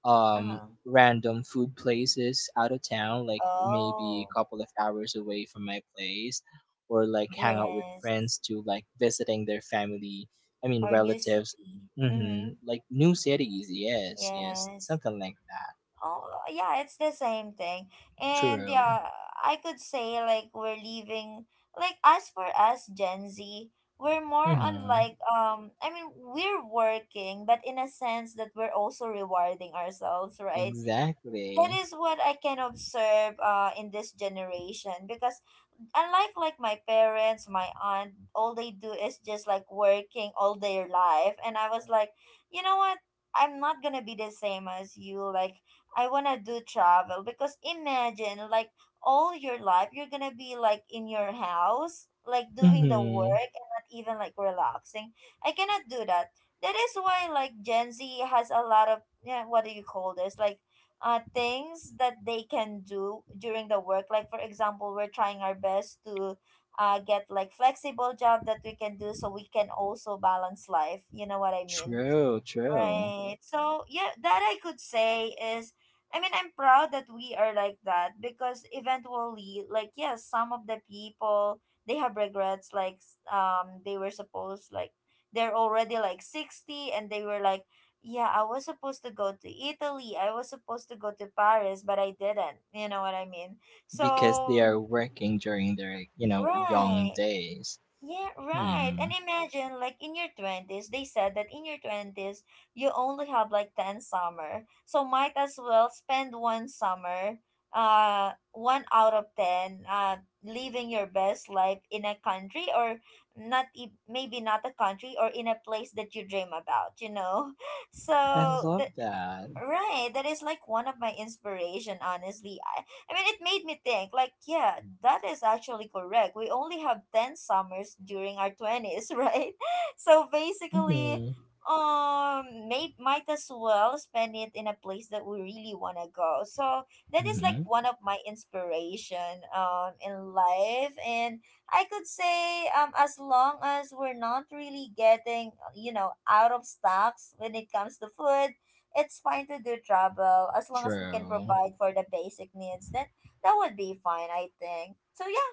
Uh-huh. random food places out of town, like maybe Oh, a couple of hours away from my place, or like hang out with yes. friends, to like visiting their family. I mean, Our new relatives. city. Mm-hmm. Mm-hmm. Like new cities. Yes, yes, Yes. something like that. Oh, yeah, it's the same thing. And True. yeah, I could say like we're leaving, like as for us Gen Z, we're more on Mm-hmm. like I mean, we're working, but in a sense that we're also rewarding ourselves, right? That Exactly. is what I can observe in this generation because unlike like my parents, my aunt, all they do is just like working all their life. And I was like, you know what? I'm not gonna be the same as you. Like I wanna do travel because imagine like all your life you're gonna be like in your house, like doing the Mm-hmm. work and not even like relaxing. I cannot do that. That is why like Gen Z has a lot of, yeah, what do you call this? Like things that they can do during the work. Like, for example, we're trying our best to get like flexible job that we can do so we can also balance life. You know what I mean? True, true. Right. So yeah, that I could say is, I mean, I'm proud that we are like that because eventually, like, yes, some of the people, they have regrets, like they were supposed like they're already like 60 and they were like, yeah, I was supposed to go to Italy. I was supposed to go to Paris, but I didn't. You know what I mean? Because they So are working during their, you know, young right. days. Yeah, right. Hmm. And imagine, like in your 20s, they said that in your 20s, you only have like 10 summer. So might as well spend one summer, one out of 10, living your best life in a country or not, maybe not a country, or in a place that you dream about, you know? I So love the, that. right, that is like one of my inspiration, honestly. I mean, it made me think, like, yeah, that is actually correct. We only have 10 summers during our 20s, right? So basically, Mm-hmm. Might as well spend it in a place that we really want to go. So that is like Mm-hmm. one of my inspiration in life. And I could say, as long as we're not really getting, you know, out of stocks when it comes to food, it's fine to do travel as long as we can True. provide for the basic needs. Then that would be fine, I think. So yeah,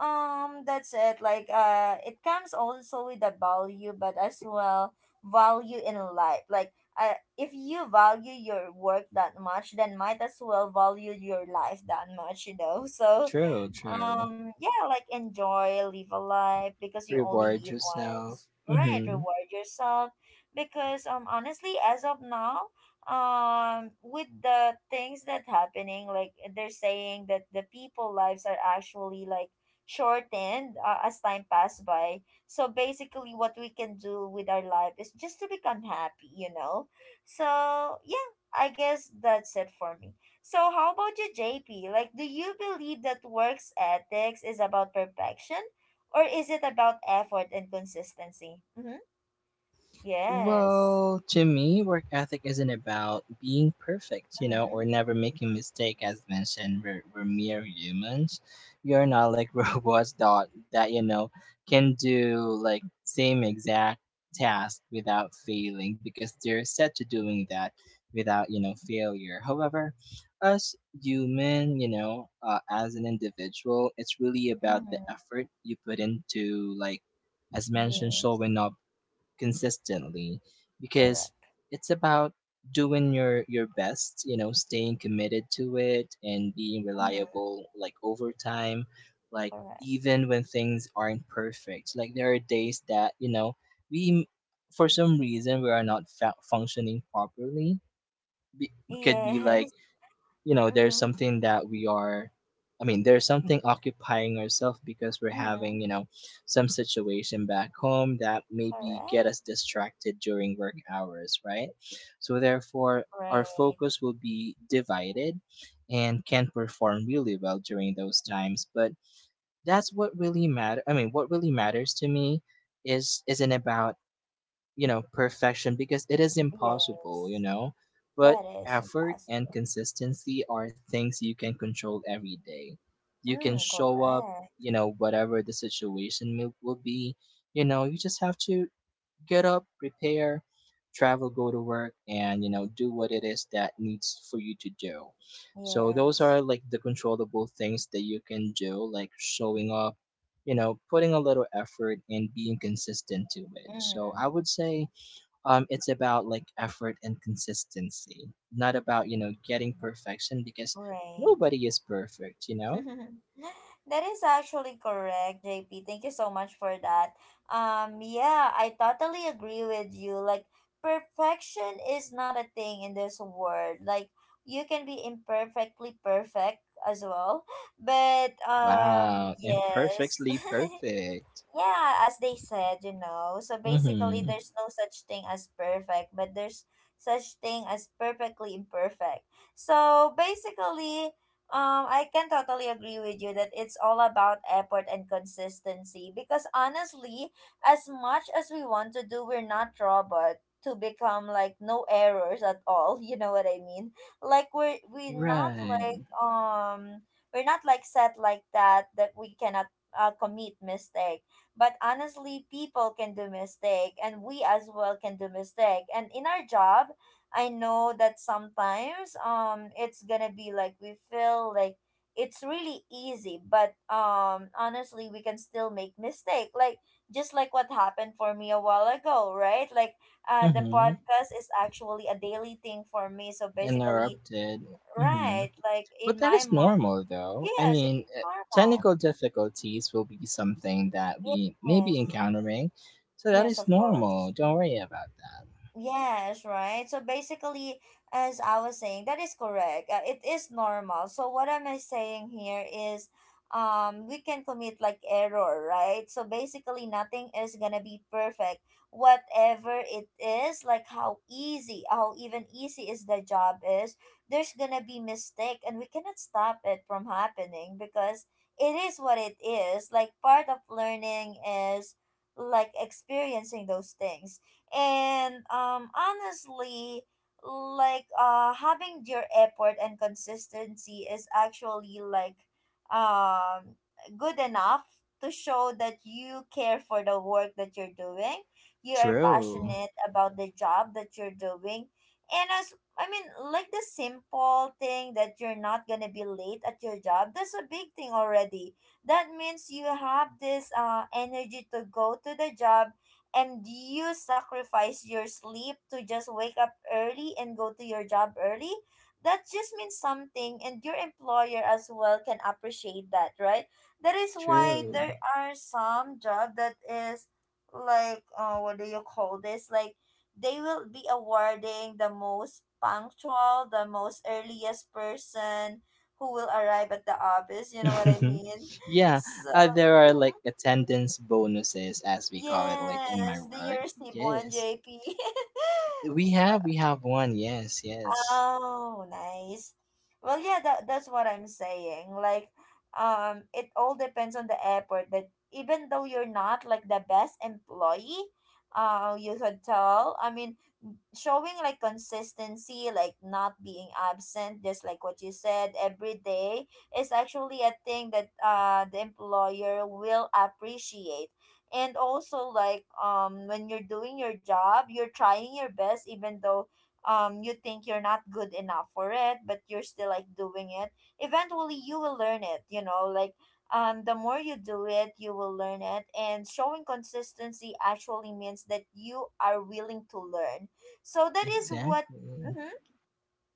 that's it. Like it comes also with the value, but as well value in life. Like if you value your work that much, then might as well value your life that much. You know, so True, true. Yeah, like enjoy, live a life because you only Reward live once, yourself. right. Hmm. Reward yourself because honestly, as of now, with the things that happening, like they're saying that the people lives are actually like shortened as time pass by. So basically, what we can do with our life is just to become happy, you know. So yeah, I guess that's it for me. So how about you, JP? Like, do you believe that works ethics is about perfection, or is it about effort and consistency? Mm-hmm. Yes. Well, to me, work ethic isn't about being perfect, you know, Mm-hmm. or never making mistake. As mentioned, we're mere humans. We are not like robots that, you know, can do like same exact task without failing because they're set to doing that without, you know, failure. However, us human, you know, as an individual, it's really about the Mm-hmm. effort you put into, like, as mentioned, Yes. showing up consistently. Because Correct. it's about doing your best, you know, staying committed to it and being Mm-hmm. reliable like over time. Like Correct. even when things aren't perfect, like there are days that, you know, we for some reason we are not functioning properly. be- could be like, Yes. you know, there's Mm-hmm. something that we are I mean, there's something occupying ourselves because we're having, Mm-hmm. you know, some situation back home that maybe get us Correct. distracted during work hours, right? So therefore our Right. focus will be divided and can perform really well during those times. But that's what really matter, I mean, what really matters to me, is isn't about, you know, perfection, because it is impossible, you Yes. know. But That is effort and impossible. consistency are things you can control every day. You can Mm, show up, correct. you know, whatever the situation will be. You know, you just have to get up, prepare, travel, go to work, and, you know, do what it is that needs for you to do. So those are Yes. like the controllable things that you can do, like showing up, you know, putting a little effort and being consistent to it. So Mm, I would say, it's about like effort and consistency, not about, you know, getting perfection, because right. nobody is perfect, you know. That is actually correct, JP. Thank you so much for that. Yeah, I totally agree with you. Like, perfection is not a thing in this world. Like, you can be imperfectly perfect as well. But, Wow, yes. imperfectly perfect. Yeah, as they said, you know. So basically, Mm-hmm. there's no such thing as perfect, but there's such thing as perfectly imperfect. So basically, I can totally agree with you that it's all about effort and consistency because honestly, as much as we want to do, we're not robot to become like no errors at all. You know what I mean? Like we're not Right. like we're not like set like that, that we cannot commit mistakes. But honestly, people can do mistake, and we as well can do mistake, and in our job, I know that sometimes it's gonna be like we feel like it's really easy, but honestly, we can still make mistake, like just like what happened for me a while ago, right, like the Mm-hmm. podcast is actually a daily thing for me, so basically Interrupted. Mm-hmm. right, like But in that my is mind, normal, though. I yes, it's mean, normal. technical difficulties will be something that we may be Yes, encountering, so that yes, is of course. normal. Don't worry about that. Yes, right. So basically, as I was saying, that is correct. It is normal. So what am I saying here is, we can commit like error, right? So basically, nothing is gonna be perfect. Whatever it is, like how easy, how even easy is the job is, there's gonna be mistake, and we cannot stop it from happening because it is what it is. Like part of learning is like experiencing those things and honestly, like having your effort and consistency is actually like um good enough to show that you care for the work that you're doing. You are True. passionate about the job that you're doing. And as I mean, like the simple thing that you're not gonna be late at your job, that's a big thing already. That means you have this energy to go to the job, and you sacrifice your sleep to just wake up early and go to your job early. That just means something, and your employer as well can appreciate that, right? That is why True. there are some job that is like, what do you call this? Like, they will be awarding the most punctual, the most earliest person who will arrive at the office. You know what I mean? Yeah, So, there are like mm-hmm. attendance bonuses, as we call it, like in my Yes, the work. University One Yes, JP. we have one. Yes, yes, Oh, nice. Well, yeah, that's what I'm saying. Like, it all depends on the airport. That even though you're not like the best employee, you could tell. I mean, showing like consistency, like not being absent, just like what you said, every day is actually a thing that the employer will appreciate. And also, like when you're doing your job, you're trying your best, even though you think you're not good enough for it, but you're still like doing it. Eventually, you will learn it. You know, like the more you do it, you will learn it. And showing consistency actually means that you are willing to learn, so that is what, exactly. mhm.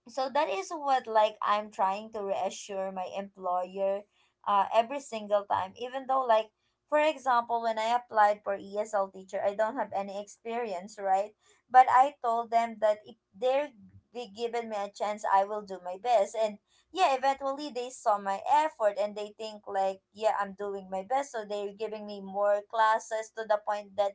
So that is what like I'm trying to reassure my employer every single time, even though like, for example, when I applied for ESL teacher, I don't have any experience, right? But I told them that if they're be given me a chance, I will do my best, and yeah, eventually they saw my effort and they think like, yeah, I'm doing my best, so they're giving me more classes to the point that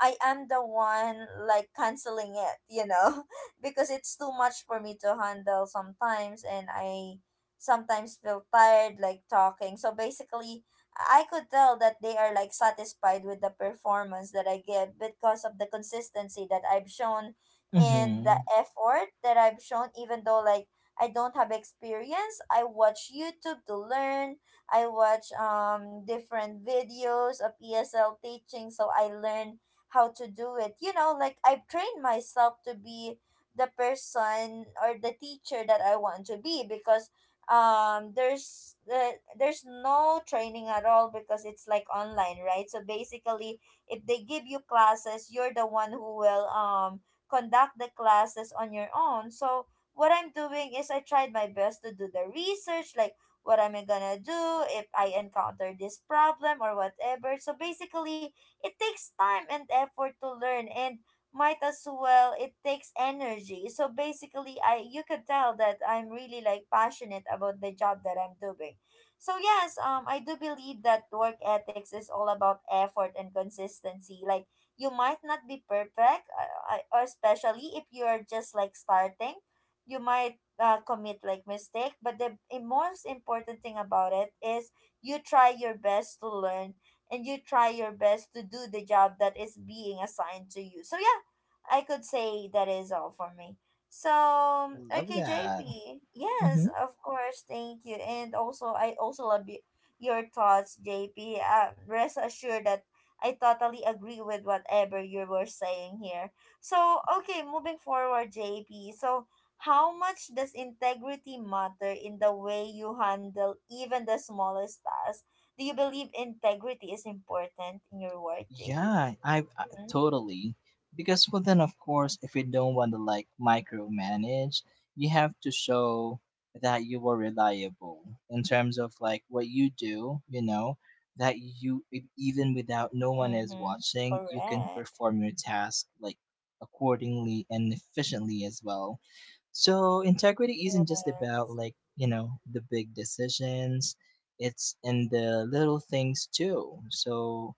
I am the one like canceling it, you know, because it's too much for me to handle sometimes, and I sometimes feel tired like talking. So basically, I could tell that they are like satisfied with the performance that I give because of the consistency that I've shown and the Mm-hmm. effort that I've shown, even though like I don't have experience. I watch YouTube to learn. I watch different videos of ESL teaching, so I learn how to do it. You know, like I've trained myself to be the person or the teacher that I want to be because um there's the there's no training at all because it's like online, right? So basically, if they give you classes, you're the one who will conduct the classes on your own. So what I'm doing is I tried my best to do the research, like what am I gonna do if I encounter this problem or whatever. So basically, it takes time and effort to learn, and might as well it takes energy. So basically, I you could tell that I'm really like passionate about the job that I'm doing. So yes, I do believe that work ethics is all about effort and consistency. Like, you might not be perfect, especially if you are just like starting. You might commit like mistake, but the most important thing about it is you try your best to learn, and you try your best to do the job that is being assigned to you. So yeah, I could say that is all for me. So Love okay, that. JP. Yes, Mm-hmm. of course. Thank you. And also, I also love your thoughts, JP. Rest assured that I totally agree with whatever you were saying here. So okay, moving forward, JP. So how much does integrity matter in the way you handle even the smallest tasks? Do you believe integrity is important in your work, JP? Yeah, I totally. Because, well, then of course, if you don't want to like micromanage, you have to show that you are reliable in terms of like what you do. You know that you even without no one is Mm-hmm. watching, you can Correct. perform your task like accordingly and efficiently as well. So integrity isn't just about, Yes. like, you know, the big decisions. It's in the little things too. So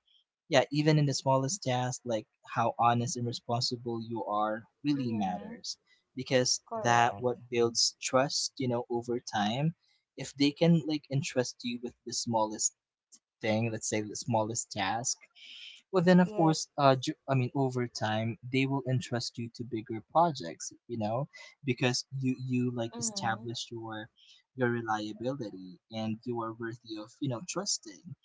yeah, even in the smallest tasks, like how honest and responsible you are really Mm-hmm. matters, because that Correct. what builds trust, you know, over time. If they can like entrust you with the smallest thing, let's say the smallest task, well, then, of Yeah. course, I mean, over time, they will entrust you to bigger projects, you know, because you like Mm-hmm. established your reliability, and you are worthy of, you know, trusting.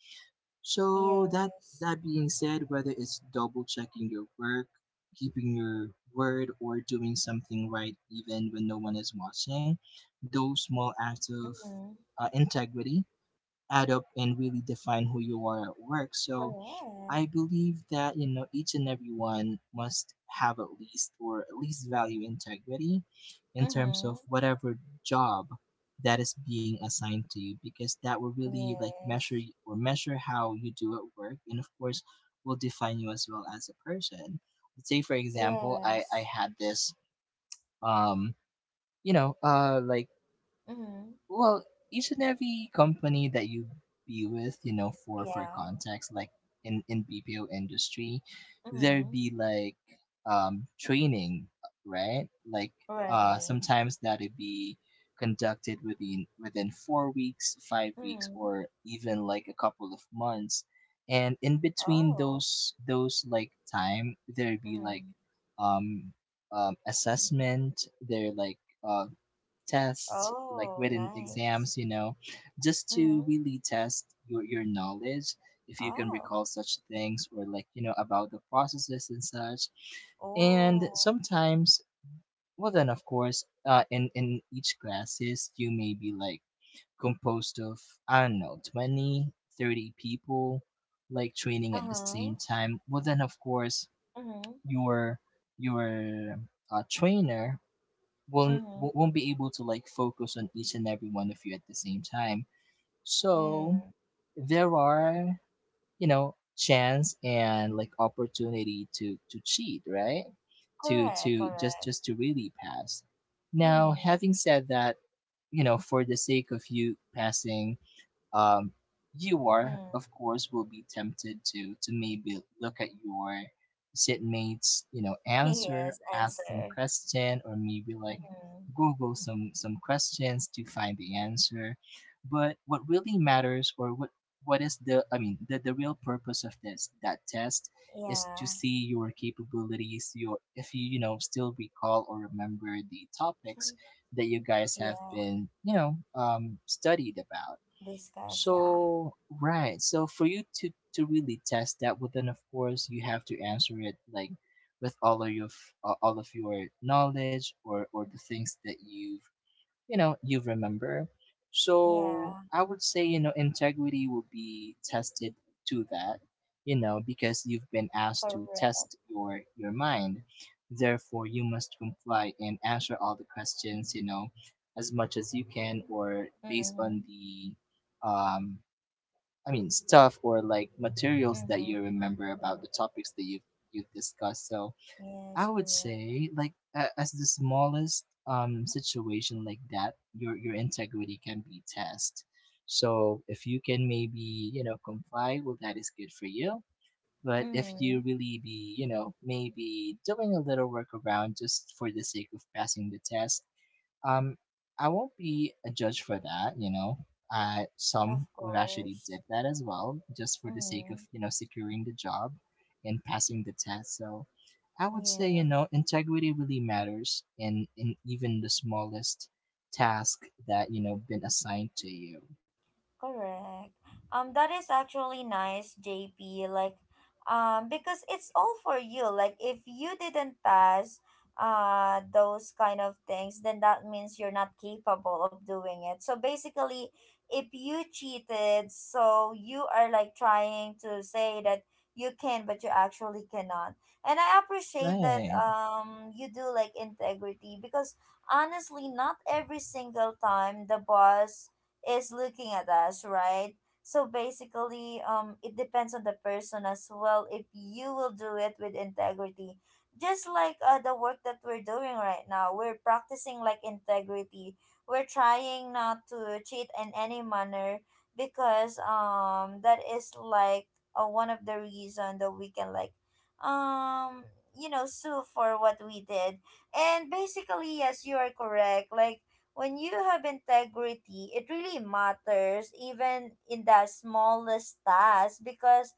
So that Yes. that being said, whether it's double checking your work, keeping your word, or doing something right even when no one is watching, those small acts of, Mm-hmm. Integrity, add up and really define who you are at work. So Correct. I believe that, you know, each and everyone must have at least, or at least value integrity, in terms of Mm-hmm. whatever job that is being assigned to you, because that will really like measure Yes. Or measure how you do at work, and of course will define you as well as a person. Let's say, for example, I Yes. had this, um like, Mm-hmm. well, each and every company that you be with, you know, for Yeah. context, like in BPO industry, there Mm-hmm. be like, training, right? Like, Right. sometimes that'd be conducted within 4 weeks, 5 weeks, Mm-hmm. or even like a couple of months. And in between Oh. those like time, there'd be like, Mm-hmm. um assessment, there like, uh tests, like Oh, written nice. exams, you know, just to Mm-hmm. really test your knowledge, if you can Oh. recall such things, or like, you know, about the processes and such. And Oh. sometimes, well, then of course, in, each classes, you may be like composed of, I don't know, 20, 30 people, like training at the same Uh-huh. time. Well, then of course, Mm-hmm. your, your, trainer won't Mm-hmm. won't won't be able to like focus on each and every one of you at the same time. So Mm. there are, you know, chance and like opportunity to cheat, right? To Correct. to just Correct. just to really pass. Now, Mm-hmm. having said that, you know, for the sake of you passing, um, you are, Mm. of course, will be tempted to maybe look at your sitmates, you know, Yes. answer, ask some Answer. question, or maybe like Mm-hmm. Google some questions to find the answer. But what really matters, or what is the I mean, the real purpose of this that test is to Yeah. see your capabilities, your, if you, you know, still recall or remember the topics that you guys have Yeah, been, you know, studied about. discuss. Yeah, So right. So for you to really test that, well, then of course you have to answer it like with all of your all of your knowledge, or the things that you've, you know, you remember. So yeah, I would say, you know, integrity will be tested to that, you know, because you've been asked to correct. test your mind. Therefore you must comply and answer all the questions, you know, as much as you can, or based Mm-hmm. on the, um I mean, stuff or like materials that Mm-hmm. you remember about the topics that you've discussed. So I Yes, would correct. say, like, a as the smallest, situation like that, your integrity can be tested. So if you can maybe, you know, comply, well, that is good for you. But if Mm-hmm. you really be, you know, maybe doing a little workaround just for the sake of passing the test, um, I won't be a judge for that, you know. Of Some would actually course. did that as well, just for the sake of, Mm-hmm. you know, securing the job and passing the test. So I would say, you Yes. know, integrity really matters in, even the smallest task that, you know, been assigned to you. Correct. That is actually nice, JP. Like, because it's all for you. Like, if you didn't pass, those kind of things, then that means you're not capable of doing it. So basically, if you cheated, so you are like trying to say that you can, but you actually cannot. And I appreciate that. Right. You do like integrity because honestly, not every single time the boss is looking at us, right? So basically, it depends on the person as well. If you will do it with integrity, just like the work that we're doing right now, we're practicing like integrity. We're trying not to cheat in any manner because that is like one of the reason that we can like um you know sue for what we did, and basically yes, you are correct. Like, when you have integrity, it really matters, even in the smallest task, because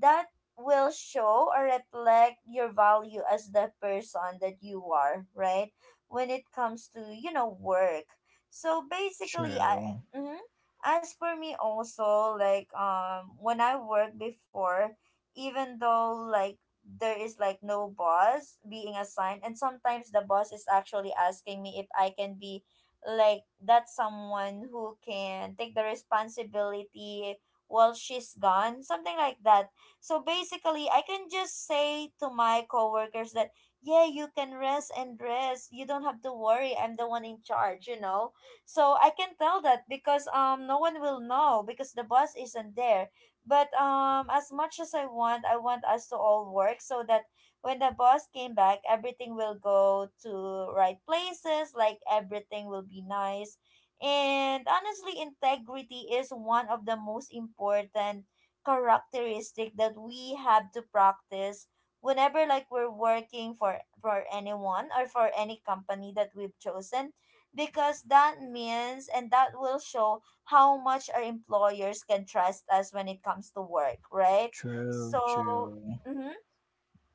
that will show or reflect your value as the person that you are, right? When it comes to, you know, work. So basically, I, True. mhm. As for me also, like, when I worked before, even though, like, there is like no boss being assigned, and sometimes the boss is actually asking me if I can be like that's someone who can take the responsibility while she's gone, something like that. So basically, I can just say to my coworkers that yeah, you can rest and rest, you don't have to worry, I'm the one in charge, you know. So I can tell that because no one will know because the boss isn't there, but as much as I want, I want us to all work so that when the boss came back, everything will go to right places, like everything will be nice. And honestly, integrity is one of the most important characteristic that we have to practice whenever like we're working for anyone or for any company that we've chosen, because that means and that will show how much our employers can trust us when it comes to work, right? True, So true. mhm,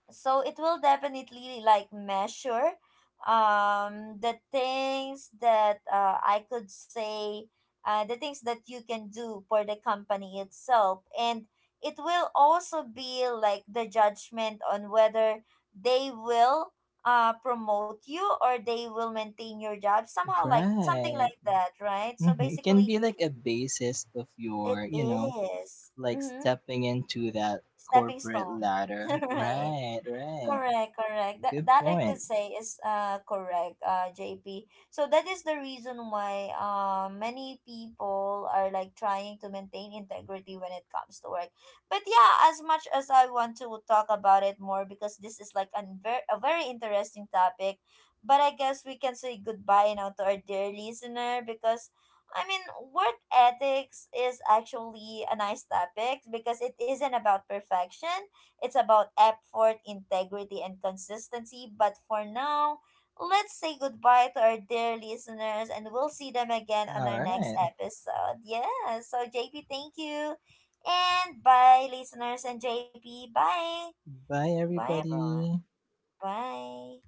so it will definitely like measure the things that I could say, the things that you can do for the company itself, and it will also be like the judgment on whether they will promote you or they will maintain your job somehow, like something Right. like that, right? So Hmm. It can basically, be like a basis of it your, you know, is, like mm-hmm, stepping into that stepping corporate stone. ladder. Right. Right, right. Correct, correct. That Good that I could point. say is correct, JP. So that is the reason why many people are like trying to maintain integrity when it comes to work. But yeah, as much as I want to talk about it more because this is like an a very interesting topic, but I guess we can say goodbye now to our dear listener, because I mean, work ethics is actually a nice topic because it isn't about perfection, it's about effort, integrity, and consistency. But for now, let's say goodbye to our dear listeners, and we'll see them again on All our next right. episode. Yeah. So, JP, thank you. And bye, listeners and JP. Bye. Bye, Bye, everyone. everybody. Bye.